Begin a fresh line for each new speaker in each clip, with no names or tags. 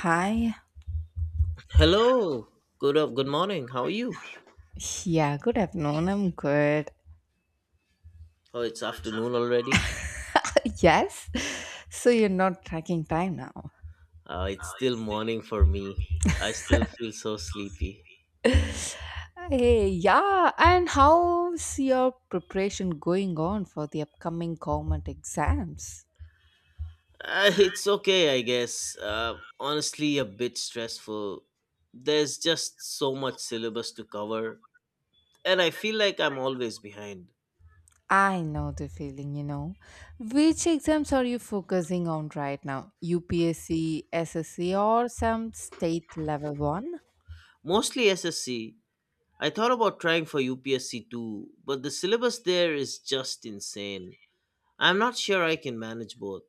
Hi.
Hello. Good up. Good morning. How are you?
Yeah, good afternoon. I'm good.
Oh, it's afternoon already.
Yes. So you're not tracking time now.
It's still morning for me. I still feel so sleepy.
Hey, yeah. And how's your preparation going on for the upcoming government exams?
It's okay, I guess. Honestly, a bit stressful. There's just so much syllabus to cover, and I feel like I'm always behind.
I know the feeling, you know. Which exams are you focusing on right now? UPSC, SSC, or some state level one?
Mostly SSC. I thought about trying for UPSC too, but the syllabus there is just insane. I'm not sure I can manage both.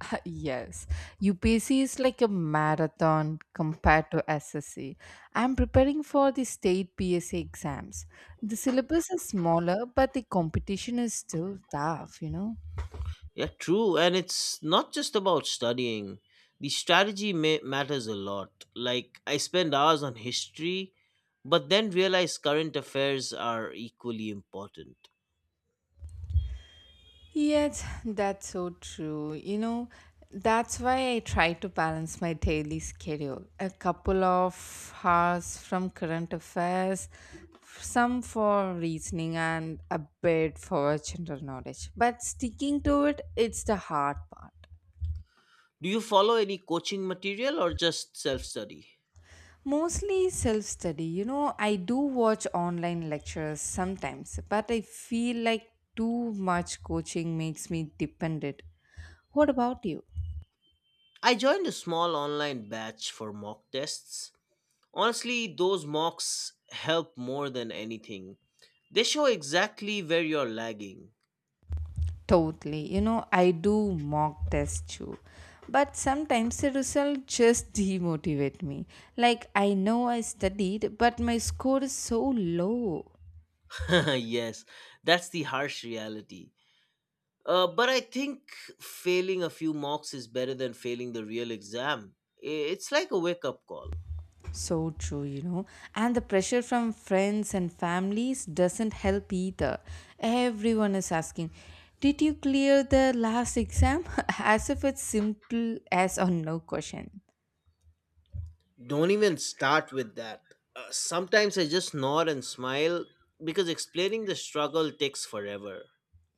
Yes, UPSC is like a marathon compared to SSC. I'm preparing for the state PSA exams. The syllabus is smaller, but the competition is still tough, you know.
Yeah, true. And it's not just about studying. The strategy matters a lot. Like, I spend hours on history, but then realize current affairs are equally important.
Yes, that's so true. You know, that's why I try to balance my daily schedule. A couple of hours from current affairs, some for reasoning, and a bit for general knowledge. But sticking to it, it's the hard part.
Do you follow any coaching material or just self study?
Mostly self study. You know, I do watch online lectures sometimes, but I feel like too much coaching makes me dependent. What about you?
I joined a small online batch for mock tests. Honestly, those mocks help more than anything. They show exactly where you're lagging.
Totally. You know, I do mock tests too. But sometimes the result just demotivate me. Like, I know I studied, but my score is so low.
Yes, that's the harsh reality. But I think failing a few mocks is better than failing the real exam. It's like a wake up call.
So true, you know. And the pressure from friends and families doesn't help either. Everyone is asking, did you clear the last exam? As if it's simple as or no question.
Don't even start with that. Sometimes I just nod and smile because explaining the struggle takes forever.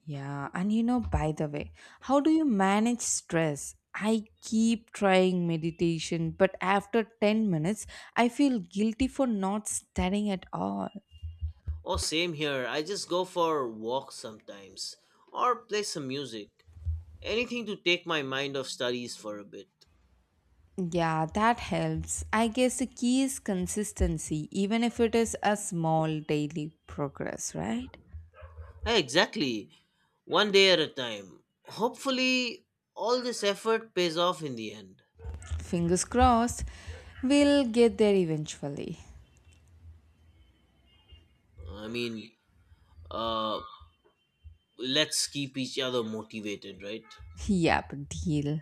Yeah, and you know, by the way, how do you manage stress? I keep trying meditation, but after 10 minutes, I feel guilty for not studying at all.
Oh, same here. I just go for walks sometimes or play some music. Anything to take my mind off studies for a bit.
Yeah, that helps. I guess the key is consistency, even if it is a small daily progress, right?
Hey, exactly. One day at a time. Hopefully, all this effort pays off in the end.
Fingers crossed, we'll get there eventually.
I mean, uh let's keep each other motivated, right?
Yep, deal.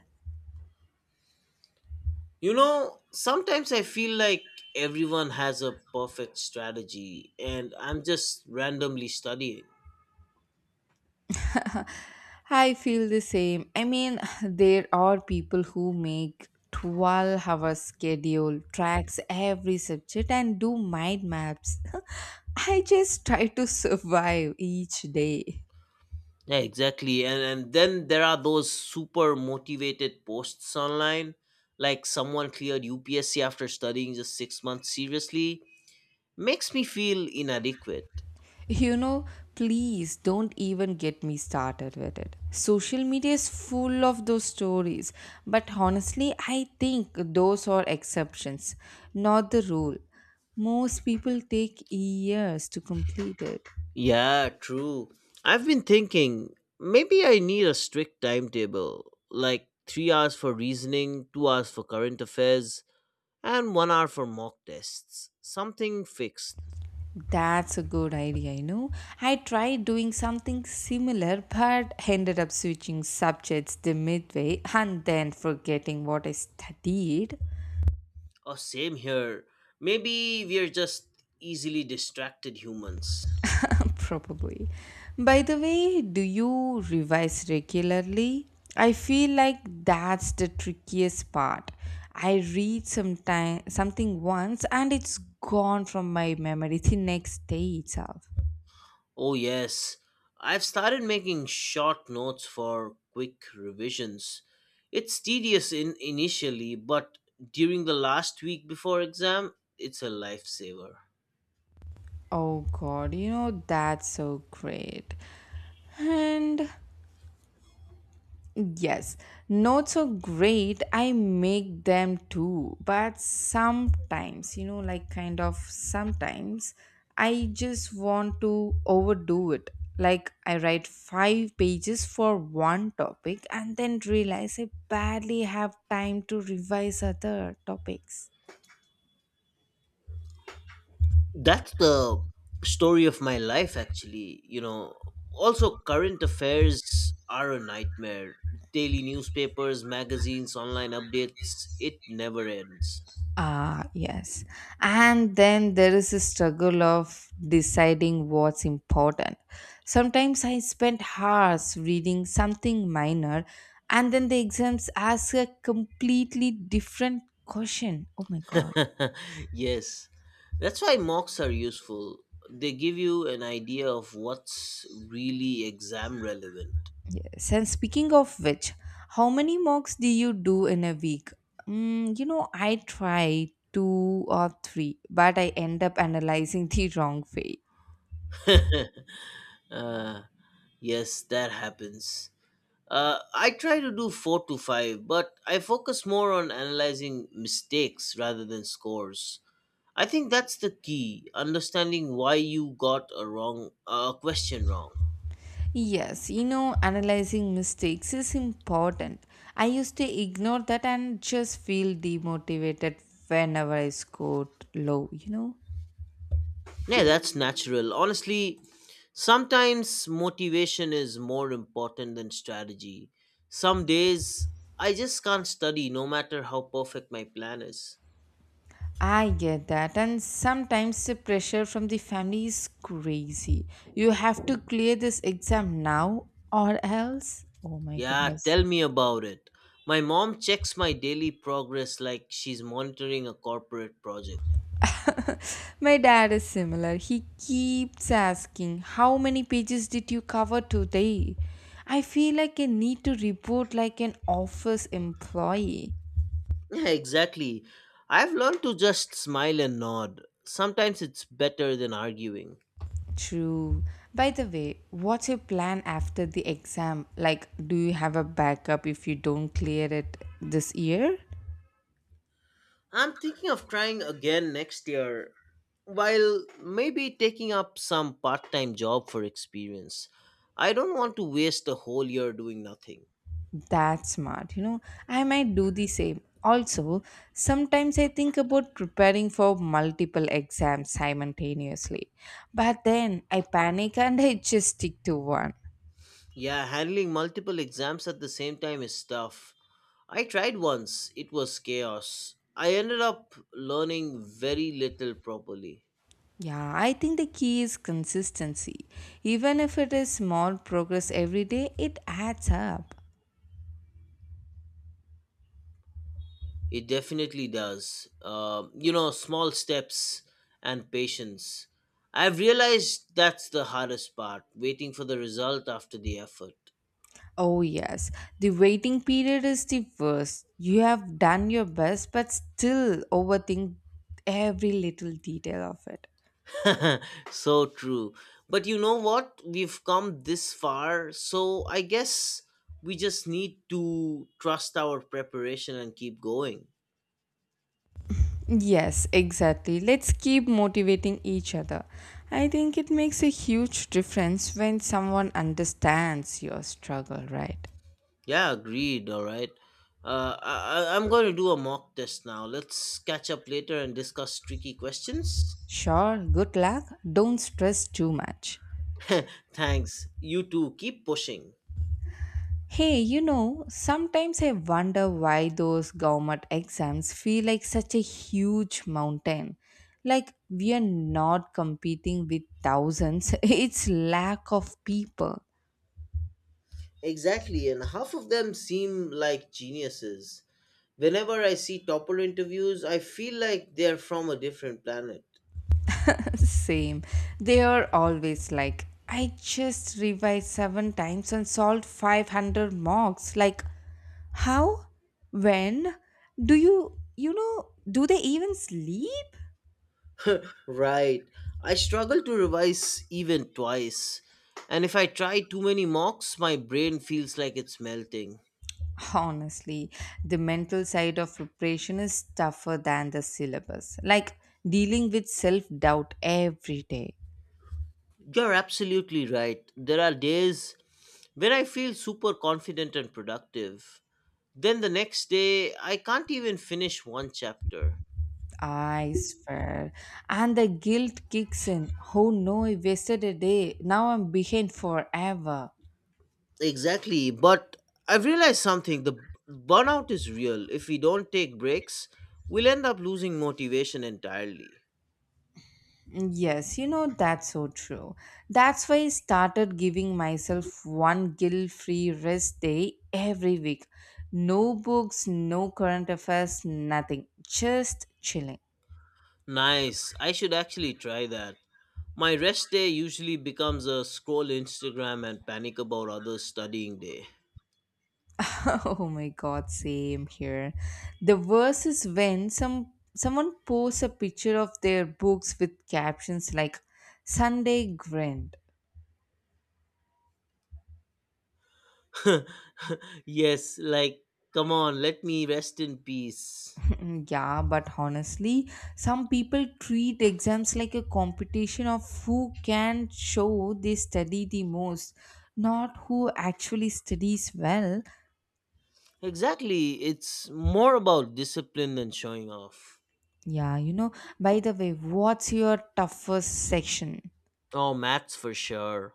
You know, sometimes I feel like everyone has a perfect strategy and I'm just randomly studying.
I feel the same. I mean, there are people who make 12-hour schedule, tracks every subject, and do mind maps. I just try to survive each day.
Yeah, exactly, and then there are those super motivated posts online, like someone cleared upsc after studying just 6 months seriously. Makes me feel inadequate.
You know, please don't even get me started with it. Social media is full of those stories, but honestly, I think those are exceptions, not the rule. Most people take years to complete it.
Yeah, true. I've been thinking maybe I need a strict timetable, like 3 hours for reasoning, 2 hours for current affairs, and one hour for mock tests. Something fixed.
That's a good idea, you know. I tried doing something similar but ended up switching subjects the midway and then forgetting what I studied.
Oh, same here. Maybe we're just easily distracted humans.
Probably. By the way, do you revise regularly? I feel like that's the trickiest part. I read sometime something once and it's gone from my memory the next day itself.
Oh, yes. I've started making short notes for quick revisions. It's tedious in initially, but during the last week before exam, it's a lifesaver.
Oh god, you know, that's so great. And yes, not so great. I make them too, but sometimes, you know, like kind of sometimes, I just want to overdo it. Like, I write five pages for one topic and then realize I barely have time to revise other topics.
That's the story of my life actually, you know. Also, current affairs are a nightmare. Daily newspapers, magazines, online updates, it never ends.
Ah, yes. And then there is a struggle of deciding what's important. Sometimes I spend hours reading something minor, and then the exams ask a completely different question. Oh my god.
Yes, that's why mocks are useful. They give you an idea of what's really exam relevant.
Yes. And speaking of which, how many mocks do you do in a week? You know, I try two or three, but I end up analyzing the wrong way.
uh, yes, that happens. I try to do four to five, but I focus more on analyzing mistakes rather than scores. I think that's the key, understanding why you got a wrong a question wrong.
Yes, you know, analyzing mistakes is important. I used to ignore that and just feel demotivated whenever I scored low, you know.
Yeah, that's natural. Honestly, sometimes motivation is more important than strategy. Some days I just can't study no matter how perfect my plan is.
I get that, and sometimes the pressure from the family is crazy. You have to clear this exam now or else. Oh my
Yeah,
goodness.
tell me about it. My mom checks my daily progress like she's monitoring a corporate project.
My dad is similar. He keeps asking, how many pages did you cover today? I feel like I need to report like an office employee.
Yeah, exactly. I've learned to just smile and nod. Sometimes it's better than arguing.
True. By the way, what's your plan after the exam? Like, do you have a backup if you don't clear it this year?
I'm thinking of trying again next year, while maybe taking up some part time job for experience. I don't want to waste a whole year doing nothing.
That's smart. You know, I might do the same. Also, sometimes I think about preparing for multiple exams simultaneously, but then I panic and I just stick to one.
Yeah, handling multiple exams at the same time is tough. I tried once, it was chaos. I ended up learning very little properly.
Yeah, I think the key is consistency. Even if it is small progress every day, it adds up.
It definitely does. You know, small steps and patience. I've realized that's the hardest part, waiting for the result after the effort.
Oh, yes, the waiting period is the worst. You have done your best, but still overthink every little detail of it.
So true. But you know what? We've come this far, so I guess we just need to trust our preparation and keep going.
Yes, exactly. Let's keep motivating each other. I think it makes a huge difference when someone understands your struggle, right?
Yeah, agreed. All right. I'm going to do a mock test now. Let's catch up later and discuss tricky questions.
Sure, good luck. Don't stress too much.
Thanks. You too. Keep pushing.
Hey, you know, sometimes I wonder why those government exams feel like such a huge mountain. Like, we are not competing with thousands, it's lack of people.
Exactly, and half of them seem like geniuses. Whenever I see topper interviews, I feel like they're from a different planet.
Same. They are always like, I just revised seven times and solved 500 mocks. Like, how? When? Do you, you know, do they even sleep?
Right. I struggle to revise even twice. And if I try too many mocks, my brain feels like it's melting.
Honestly, the mental side of preparation is tougher than the syllabus. Like, dealing with self doubt every day.
You're absolutely right. There are days when I feel super confident and productive. Then the next day, I can't even finish one chapter.
I swear. And the guilt kicks in. Oh no, I wasted a day. Now I'm behind forever.
Exactly. But I've realized something, the burnout is real. If we don't take breaks, we'll end up losing motivation entirely.
Yes, you know, that's so true. That's why I started giving myself one guilt free rest day every week. No books, no current affairs, nothing. Just chilling.
Nice. I should actually try that. My rest day usually becomes a scroll Instagram and panic about others studying day.
Oh my god, same here. The worst is when someone posts a picture of their books with captions like Sunday grind.
Yes, like, come on, let me rest in peace.
Yeah, but honestly, some people treat exams like a competition of who can show they study the most, not who actually studies well.
Exactly. It's more about discipline than showing off.
Yeah, you know, by the way, what's your toughest section?
Oh, maths for sure.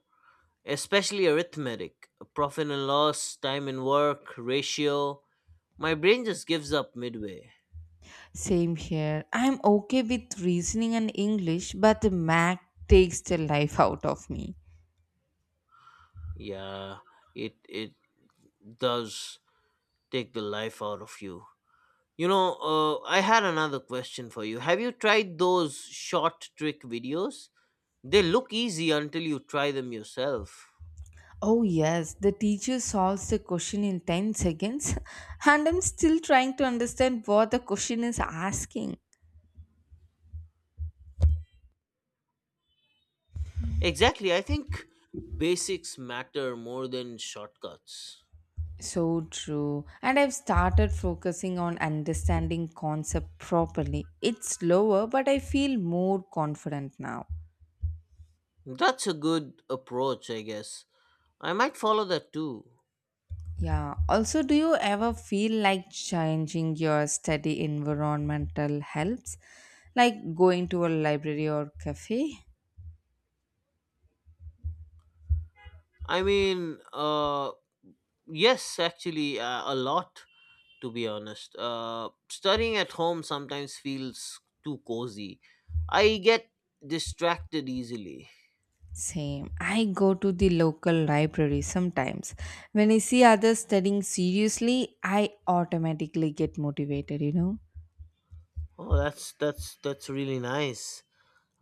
Especially arithmetic, profit and loss, time and work, ratio. My brain just gives up midway.
Same here. I'm okay with reasoning and English, but the math takes the life out of me.
Yeah, it does take the life out of you. You know, I had another question for you. Have you tried those short trick videos? They look easy until you try them yourself.
Oh, yes, the teacher solves the question in 10 seconds, and I'm still trying to understand what the question is asking.
Exactly. I think basics matter more than shortcuts.
So true. And I've started focusing on understanding concept properly. It's slower, but I feel more confident now.
That's a good approach, I guess. I might follow that too.
Yeah. Also, do you ever feel like changing your study environmental helps? Like going to a library or cafe?
I mean, uh, yes, actually, a lot, to be honest. Studying at home sometimes feels too cozy. I get distracted easily.
Same. I go to the local library sometimes. When I see others studying seriously, I automatically get motivated, you know?
Oh, that's really nice.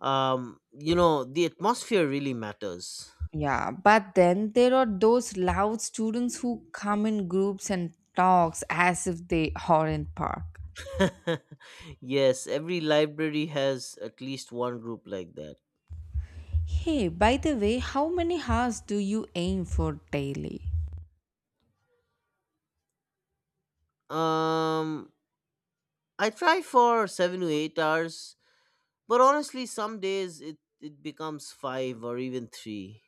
You know, the atmosphere really matters.
Yeah, but then there are those loud students who come in groups and talks as if they are in park.
Yes, every library has at least one group like that.
Hey, by the way, how many hours do you aim for daily?
Um, I try for 7 to 8 hours, but honestly, some days it becomes five or even three.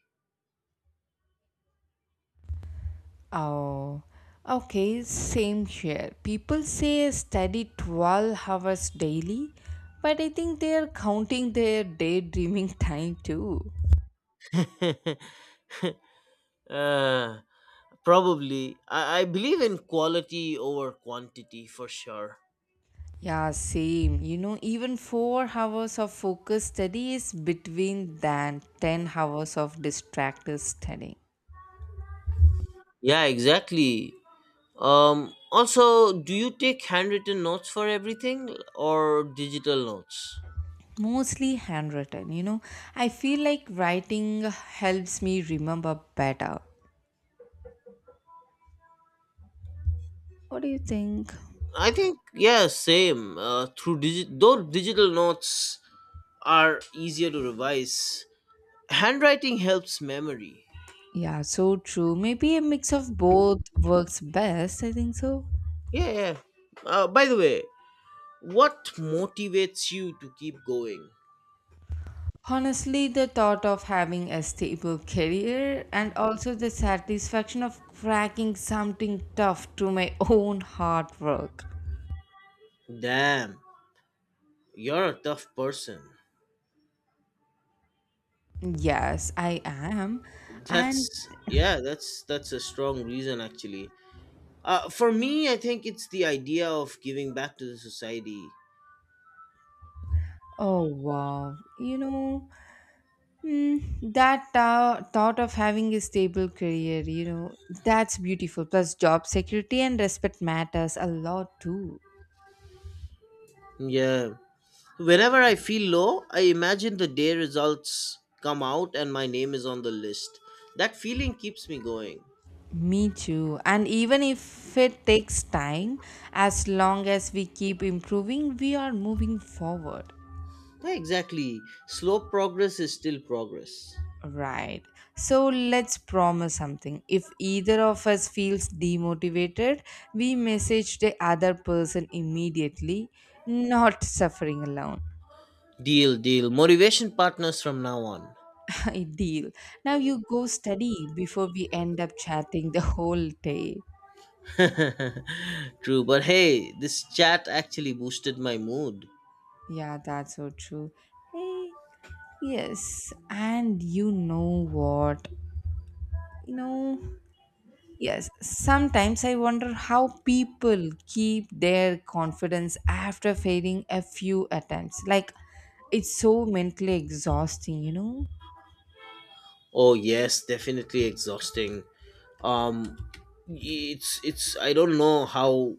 Oh, okay, same here. People say I study 12 hours daily, but I think they are counting their daydreaming time too.
uh, Probably. I believe in quality over quantity for sure.
Yeah, same. You know, even 4 hours of focused study is between than 10 hours of distracted studying.
Yeah, exactly. Also, do you take handwritten notes for everything or digital notes?
Mostly handwritten, you know. I feel like writing helps me remember better. What do you think?
I think, yeah, same. Though digital notes are easier to revise, handwriting helps memory.
Yeah, so true. Maybe a mix of both works best, I think so.
Yeah, yeah. By the way, what motivates you to keep going?
Honestly, the thought of having a stable career and also the satisfaction of cracking something tough to my own hard work.
Damn, you're a tough person.
Yes, I am.
That's
And
yeah, that's a strong reason actually. For me, I think it's the idea of giving back to the society.
oh wow, you know, mm, that thought of having a stable career, you know, that's beautiful. Plus, job security and respect matters a lot too.
Yeah. Whenever I feel low, I imagine the day results come out and my name is on the list. That feeling keeps me going.
Me too. And even if it takes time, as long as we keep improving, we are moving forward.
Yeah, exactly. Slow progress is still progress.
Right. So let's promise something. If either of us feels demotivated, we message the other person immediately, not suffering alone.
Deal, deal. Motivation partners from now on.
Deal. Now you go study before we end up chatting the whole day.
True, but hey, this chat actually boosted my mood.
Yeah, that's so true. Eh, yes. And you know what? You know, yes, sometimes I wonder how people keep their confidence after failing a few attempts. Like, it's so mentally exhausting, you know?
Oh yes, definitely exhausting. Um, it's I don't know how,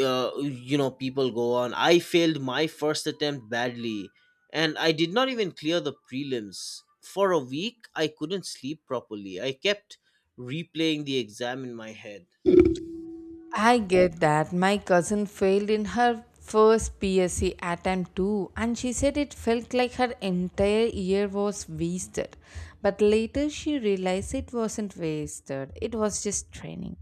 you know, people go on. I failed my first attempt badly, and I did not even clear the prelims. For a week, I couldn't sleep properly. I kept replaying the exam in my head.
I get that. My cousin failed in her first PSC attempt too, and she said it felt like her entire year was wasted. But later she realized it wasn't wasted, it was just training.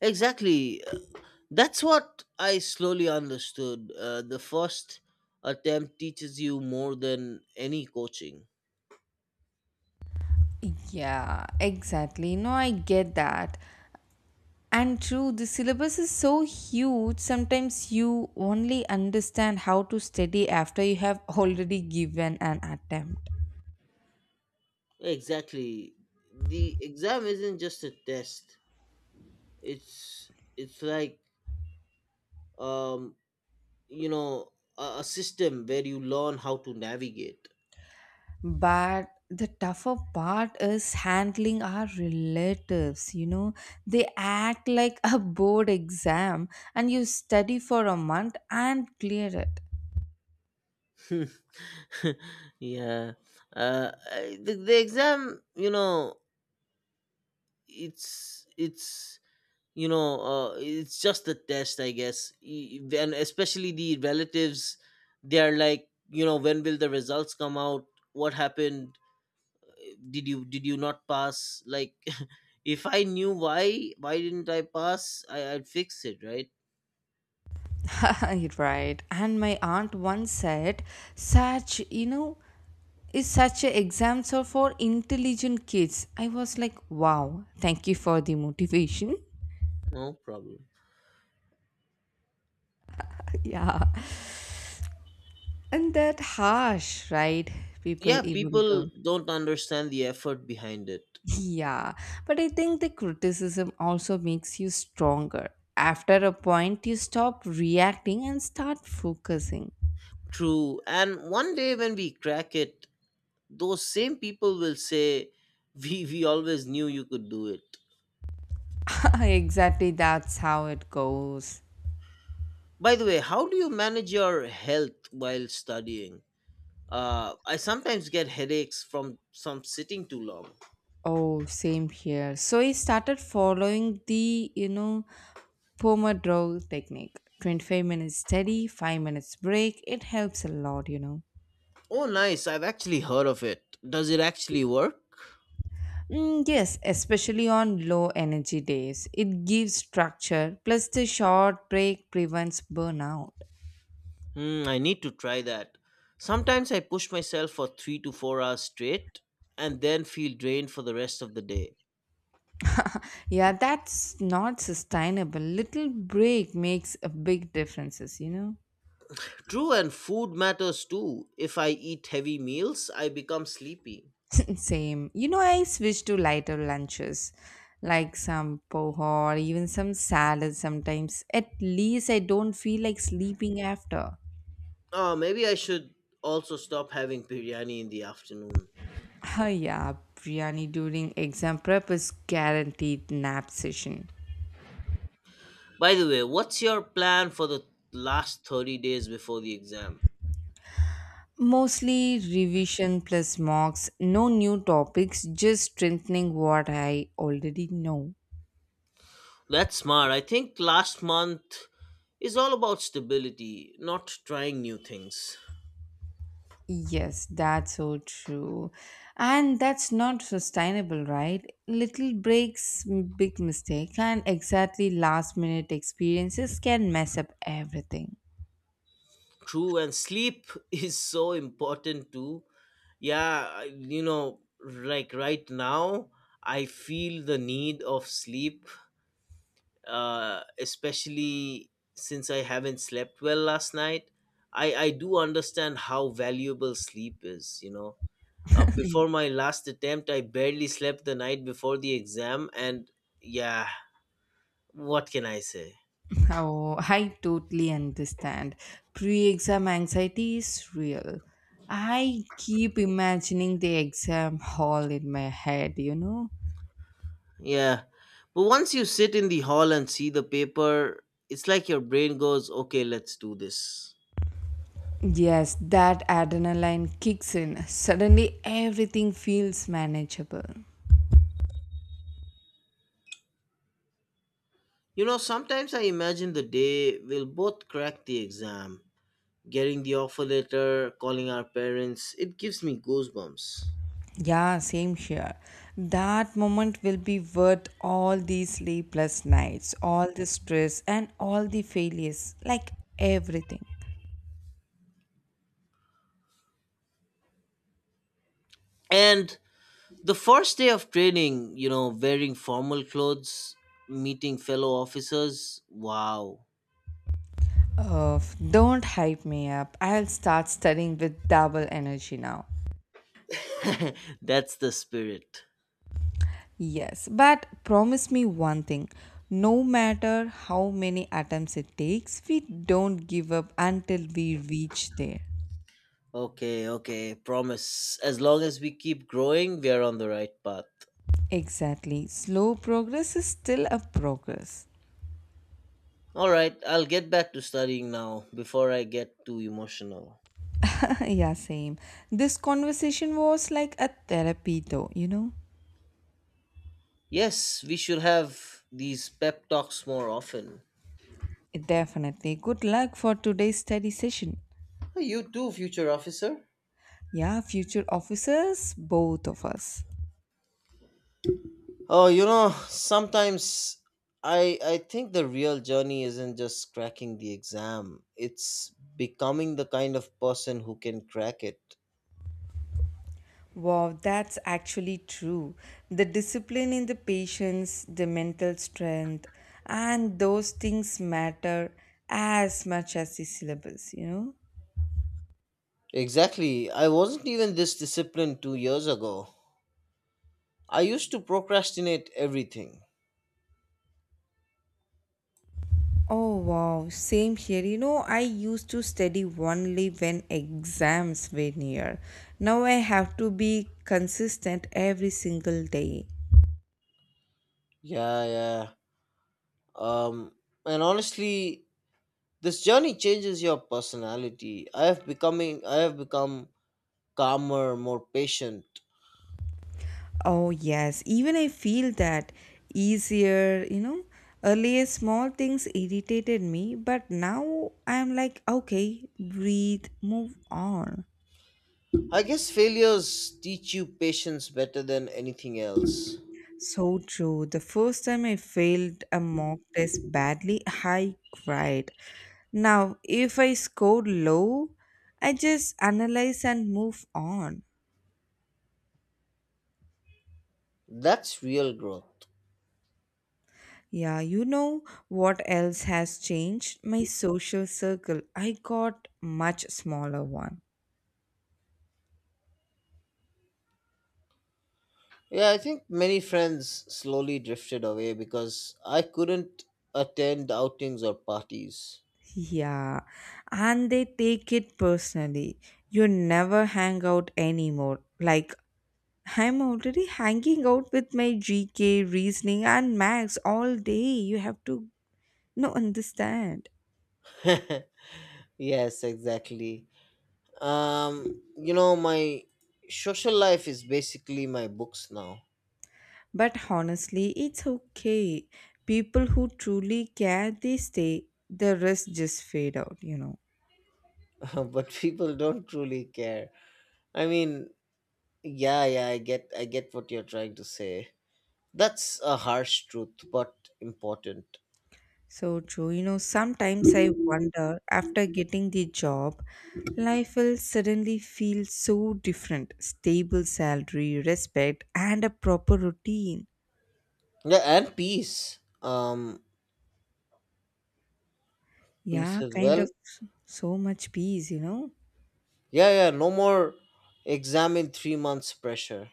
Exactly, that's what I slowly understood. The first attempt teaches you more than any coaching.
Yeah, exactly. No, I get that. And true, the syllabus is so huge, sometimes you only understand how to study after you have already given an attempt.
Exactly. The exam isn't just a test. It's it's like um you know a system where you learn how to navigate.
But the tougher part is handling our relatives, you know, they act like a board exam, and you study for a month and clear it.
Yeah. The exam, you know, it's it's it's just a test, I guess. And especially the relatives, they are like, you know, when will the results come out? What happened? Did you not pass? Like, if I knew why didn't I pass, I'd fix it, right?
Right. And my aunt once said, such, you know, is such a exams are for intelligent kids. I was like, wow, thank you for the motivation.
No problem.
Yeah. And that harsh, right? People
Yeah,
even
people
though.
don't understand the effort behind it.
Yeah. But I think the criticism also makes you stronger. After a point, you stop reacting and start focusing.
True, and one day when we crack it, those same people will say, we always knew you could do it.
Exactly, that's how it goes.
By the way, how do you manage your health while studying? I sometimes get headaches from some sitting too long.
Oh, same here. So he started following the, you know, Pomodoro technique 25 minutes study, 5 minutes break. It helps a lot, you know.
Oh, nice. I've actually heard of it. Does it actually work?
Yes, especially on low energy days. It gives structure, plus, the short break prevents burnout.
Hmm, I need to try that. Sometimes I push myself for 3 to 4 hours straight and then feel drained for the rest of the day.
Yeah, that's not sustainable. Little break makes a big differences, you know.
True, and food matters too. If I eat heavy meals, I become sleepy.
Same. You know, I switch to lighter lunches, like some poha or even some salad sometimes. At least I don't feel like sleeping after.
Oh, maybe I should also stop having biryani in the afternoon.
Oh yeah, biryani during exam prep is guaranteed nap session.
By the way, what's your plan for the last 30 days before the exam?
Mostly revision plus mocks, no new topics, just strengthening what I already know.
That's smart. I think last month is all about stability, not trying new things.
Yes, that's so true. And that's not sustainable, right? Little breaks, big mistake, and exactly last minute experiences can mess up everything.
True, and sleep is so important too. Yeah, you know, like right now, I feel the need of sleep, especially since I haven't slept well last night. I do understand how valuable sleep is, you know. Before my last attempt, I barely slept the night before the exam, and yeah, what can I say?
Oh, I totally understand. Pre exam anxiety is real. I keep imagining the exam hall in my head, you know?
Yeah. But once you sit in the hall and see the paper, it's like your brain goes, okay, let's do this.
Yes, that adrenaline kicks in. Suddenly, everything feels manageable.
You know, sometimes I imagine the day we'll both crack the exam, getting the offer letter, calling our parents. It gives me goosebumps.
Yeah, same here. That moment will be worth all these sleepless nights, all the stress, and all the failures like everything.
And the first day of training, you know, wearing formal clothes, meeting fellow officers, wow.
Oh, don't hype me up. I'll start studying with double energy now.
That's the spirit.
Yes, but promise me one thing. No matter how many attempts it takes, we don't give up until we reach there.
Okay, okay, promise. As long as we keep growing, we are on the right path.
Exactly. Slow progress is still a progress.
All right, I'll get back to studying now before I get too emotional.
Yeah, same. This conversation was like a therapy, though, you know?
Yes, we should have these pep talks more often.
Definitely. Good luck for today's study session.
Oh, you too, future officer.
Yeah, future officers, both of us.
Oh, you know, sometimes I think the real journey isn't just cracking the exam. It's becoming the kind of person who can crack it.
Wow, that's actually true. The discipline in the patience, the mental strength, and those things matter as much as the syllabus, you know?
Exactly. I wasn't even this disciplined 2 years ago. I used to procrastinate everything.
Oh, wow, same here. You know, I used to study only when exams were near. Now I have to be consistent every single day.
Yeah, yeah. Um and honestly, this journey changes your personality. I have becoming I have become calmer, more patient.
Oh, yes. Even I feel that easier, you know. Earlier, small things irritated me, but now I'm like, okay, breathe, move on.
I guess failures teach you patience better than anything else.
So true. The first time I failed a mock test badly, I cried. Now, if I score low, I just analyze and move on.
That's real growth.
Yeah, you know what else has changed? My social circle. I got much smaller one.
Yeah, I think many friends slowly drifted away because I couldn't attend outings or parties.
Yeah, and they take it personally. You never hang out anymore. Like, I'm already hanging out with my GK, reasoning, and max all day. You have to no understand.
Yes, exactly. You know, my social life is basically my books now.
But honestly, it's okay. People who truly care, they stay. The rest just fade out, you know.
But people don't truly care. I mean, Yeah, yeah, I get what you're trying to say. That's a harsh truth, but important.
So true. You know, sometimes I wonder after getting the job, life will suddenly feel so different. Stable salary, respect, and a proper routine.
Yeah, and peace. Peace
Yeah,
as
kind
well.
of so much peace, you know?
Yeah, yeah, no more exam in 3 months pressure.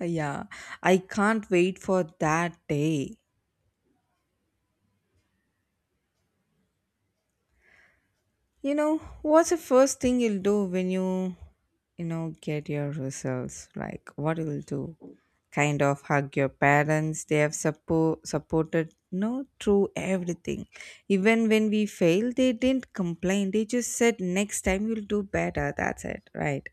Yeah, I can't wait for that day. You know, what's the first thing you'll do when you know, get your results? Like, what you'll do? Kind of hug your parents. They have supported, no, through everything. Even when we failed, they didn't complain. They just said, next time you'll do better. That's it, right?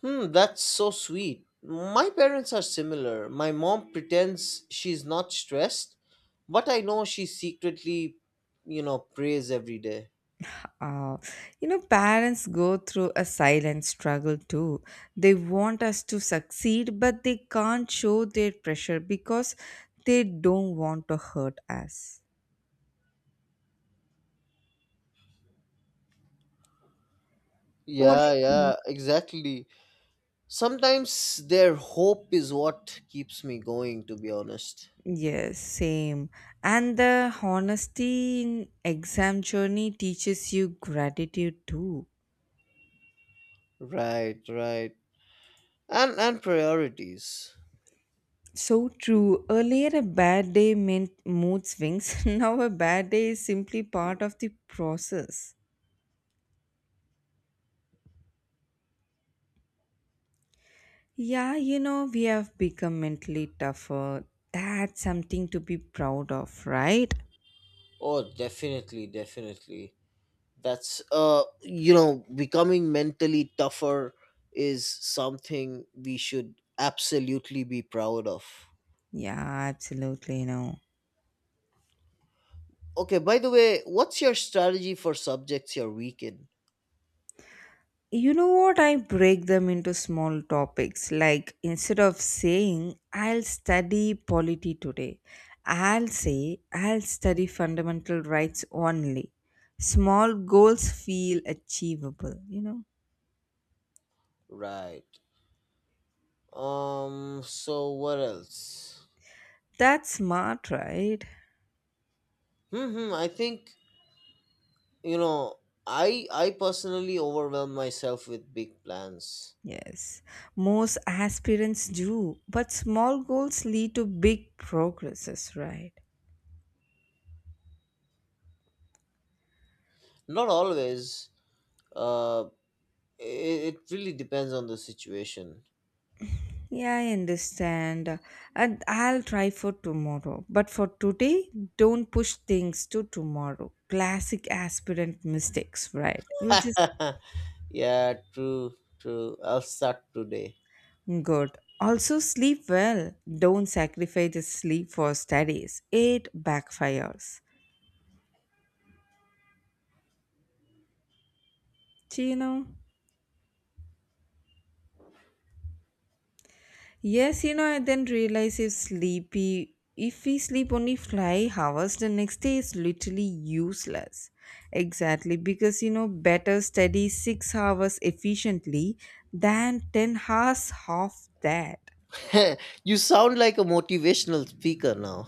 Hmm, that's so sweet. My parents are similar. My mom pretends she's not stressed, but I know she secretly, you know, prays every day.
Uh, you know, parents go through a silent struggle too. They want us to succeed, but they can't show their pressure because they don't want to hurt us. What do
Yeah,
you think?
yeah, exactly. Sometimes their hope is what keeps me going, to be honest.
Yes, same. And the honesty in exam journey teaches you gratitude too.
Right, right. And priorities.
So true. Earlier, a bad day meant mood swings. Now, a bad day is simply part of the process. Yeah, you know, we have become mentally tougher. That's something to be proud of, right?
Oh, definitely, definitely. That's you know, becoming mentally tougher is something we should absolutely be proud of.
Yeah, absolutely. No.
Okay, by the way, what's your strategy for subjects you're weak in?
You know what? I break them into small topics. Like instead of saying, I'll study polity today, I'll say, I'll study fundamental rights only. Small goals feel achievable, you know?
Right. So what else?
That's smart, right?
Hmm. I think you know. I personally overwhelm myself with big plans.
Yes. Most aspirants do, but small goals lead to big progresses, right?
Not always. Uh. It really depends on the situation.
Yeah, I understand. And I'll try for tomorrow. But for today, don't push things to tomorrow. Classic aspirant mistakes, right? We'll just
Yeah. True. True. I'll start today.
good. Also, sleep well. Don't sacrifice the sleep for studies. It backfires. Do you know? Yes, you know, I then realize if sleepy, if we sleep only 5 hours, the next day is literally useless. Exactly, because you know, better study 6 hours efficiently than 10 hours half that.
You sound like a motivational speaker now.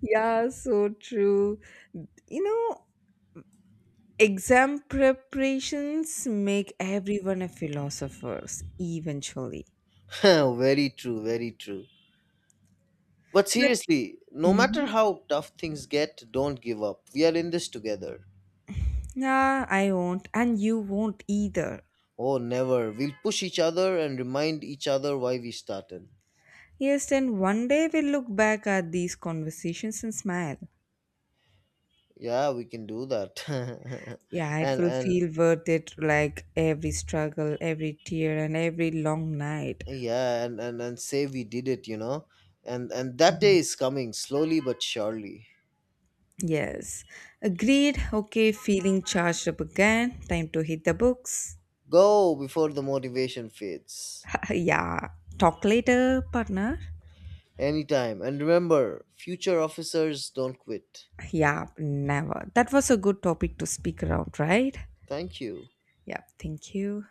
Yeah, so true. You know, exam preparations make everyone a philosopher eventually.
Very true. Very true. But
But
seriously, no matter
mhm,
how tough things get, don't give up. We are in this together.
nah, I won't, and you won't either.
Oh, never. We'll push each other and remind each other why we started.
Yes, and one day we'll look back at these conversations and smile.
Yeah, we can do that.
Yeah, it will
And
feel worth it, like every struggle, every tear, and every long night.
yeah, and say we did it, you know. And that day
Mhm.
is coming slowly but surely.
Yes. Agreed. Okay, feeling charged up again. Time to hit the books.
Go before the motivation fades.
Yeah. Talk later, partner.
Anytime. And remember, future officers don't quit.
Yeah, never. That was a good topic to speak around, right?
Thank you.
Yeah, thank you.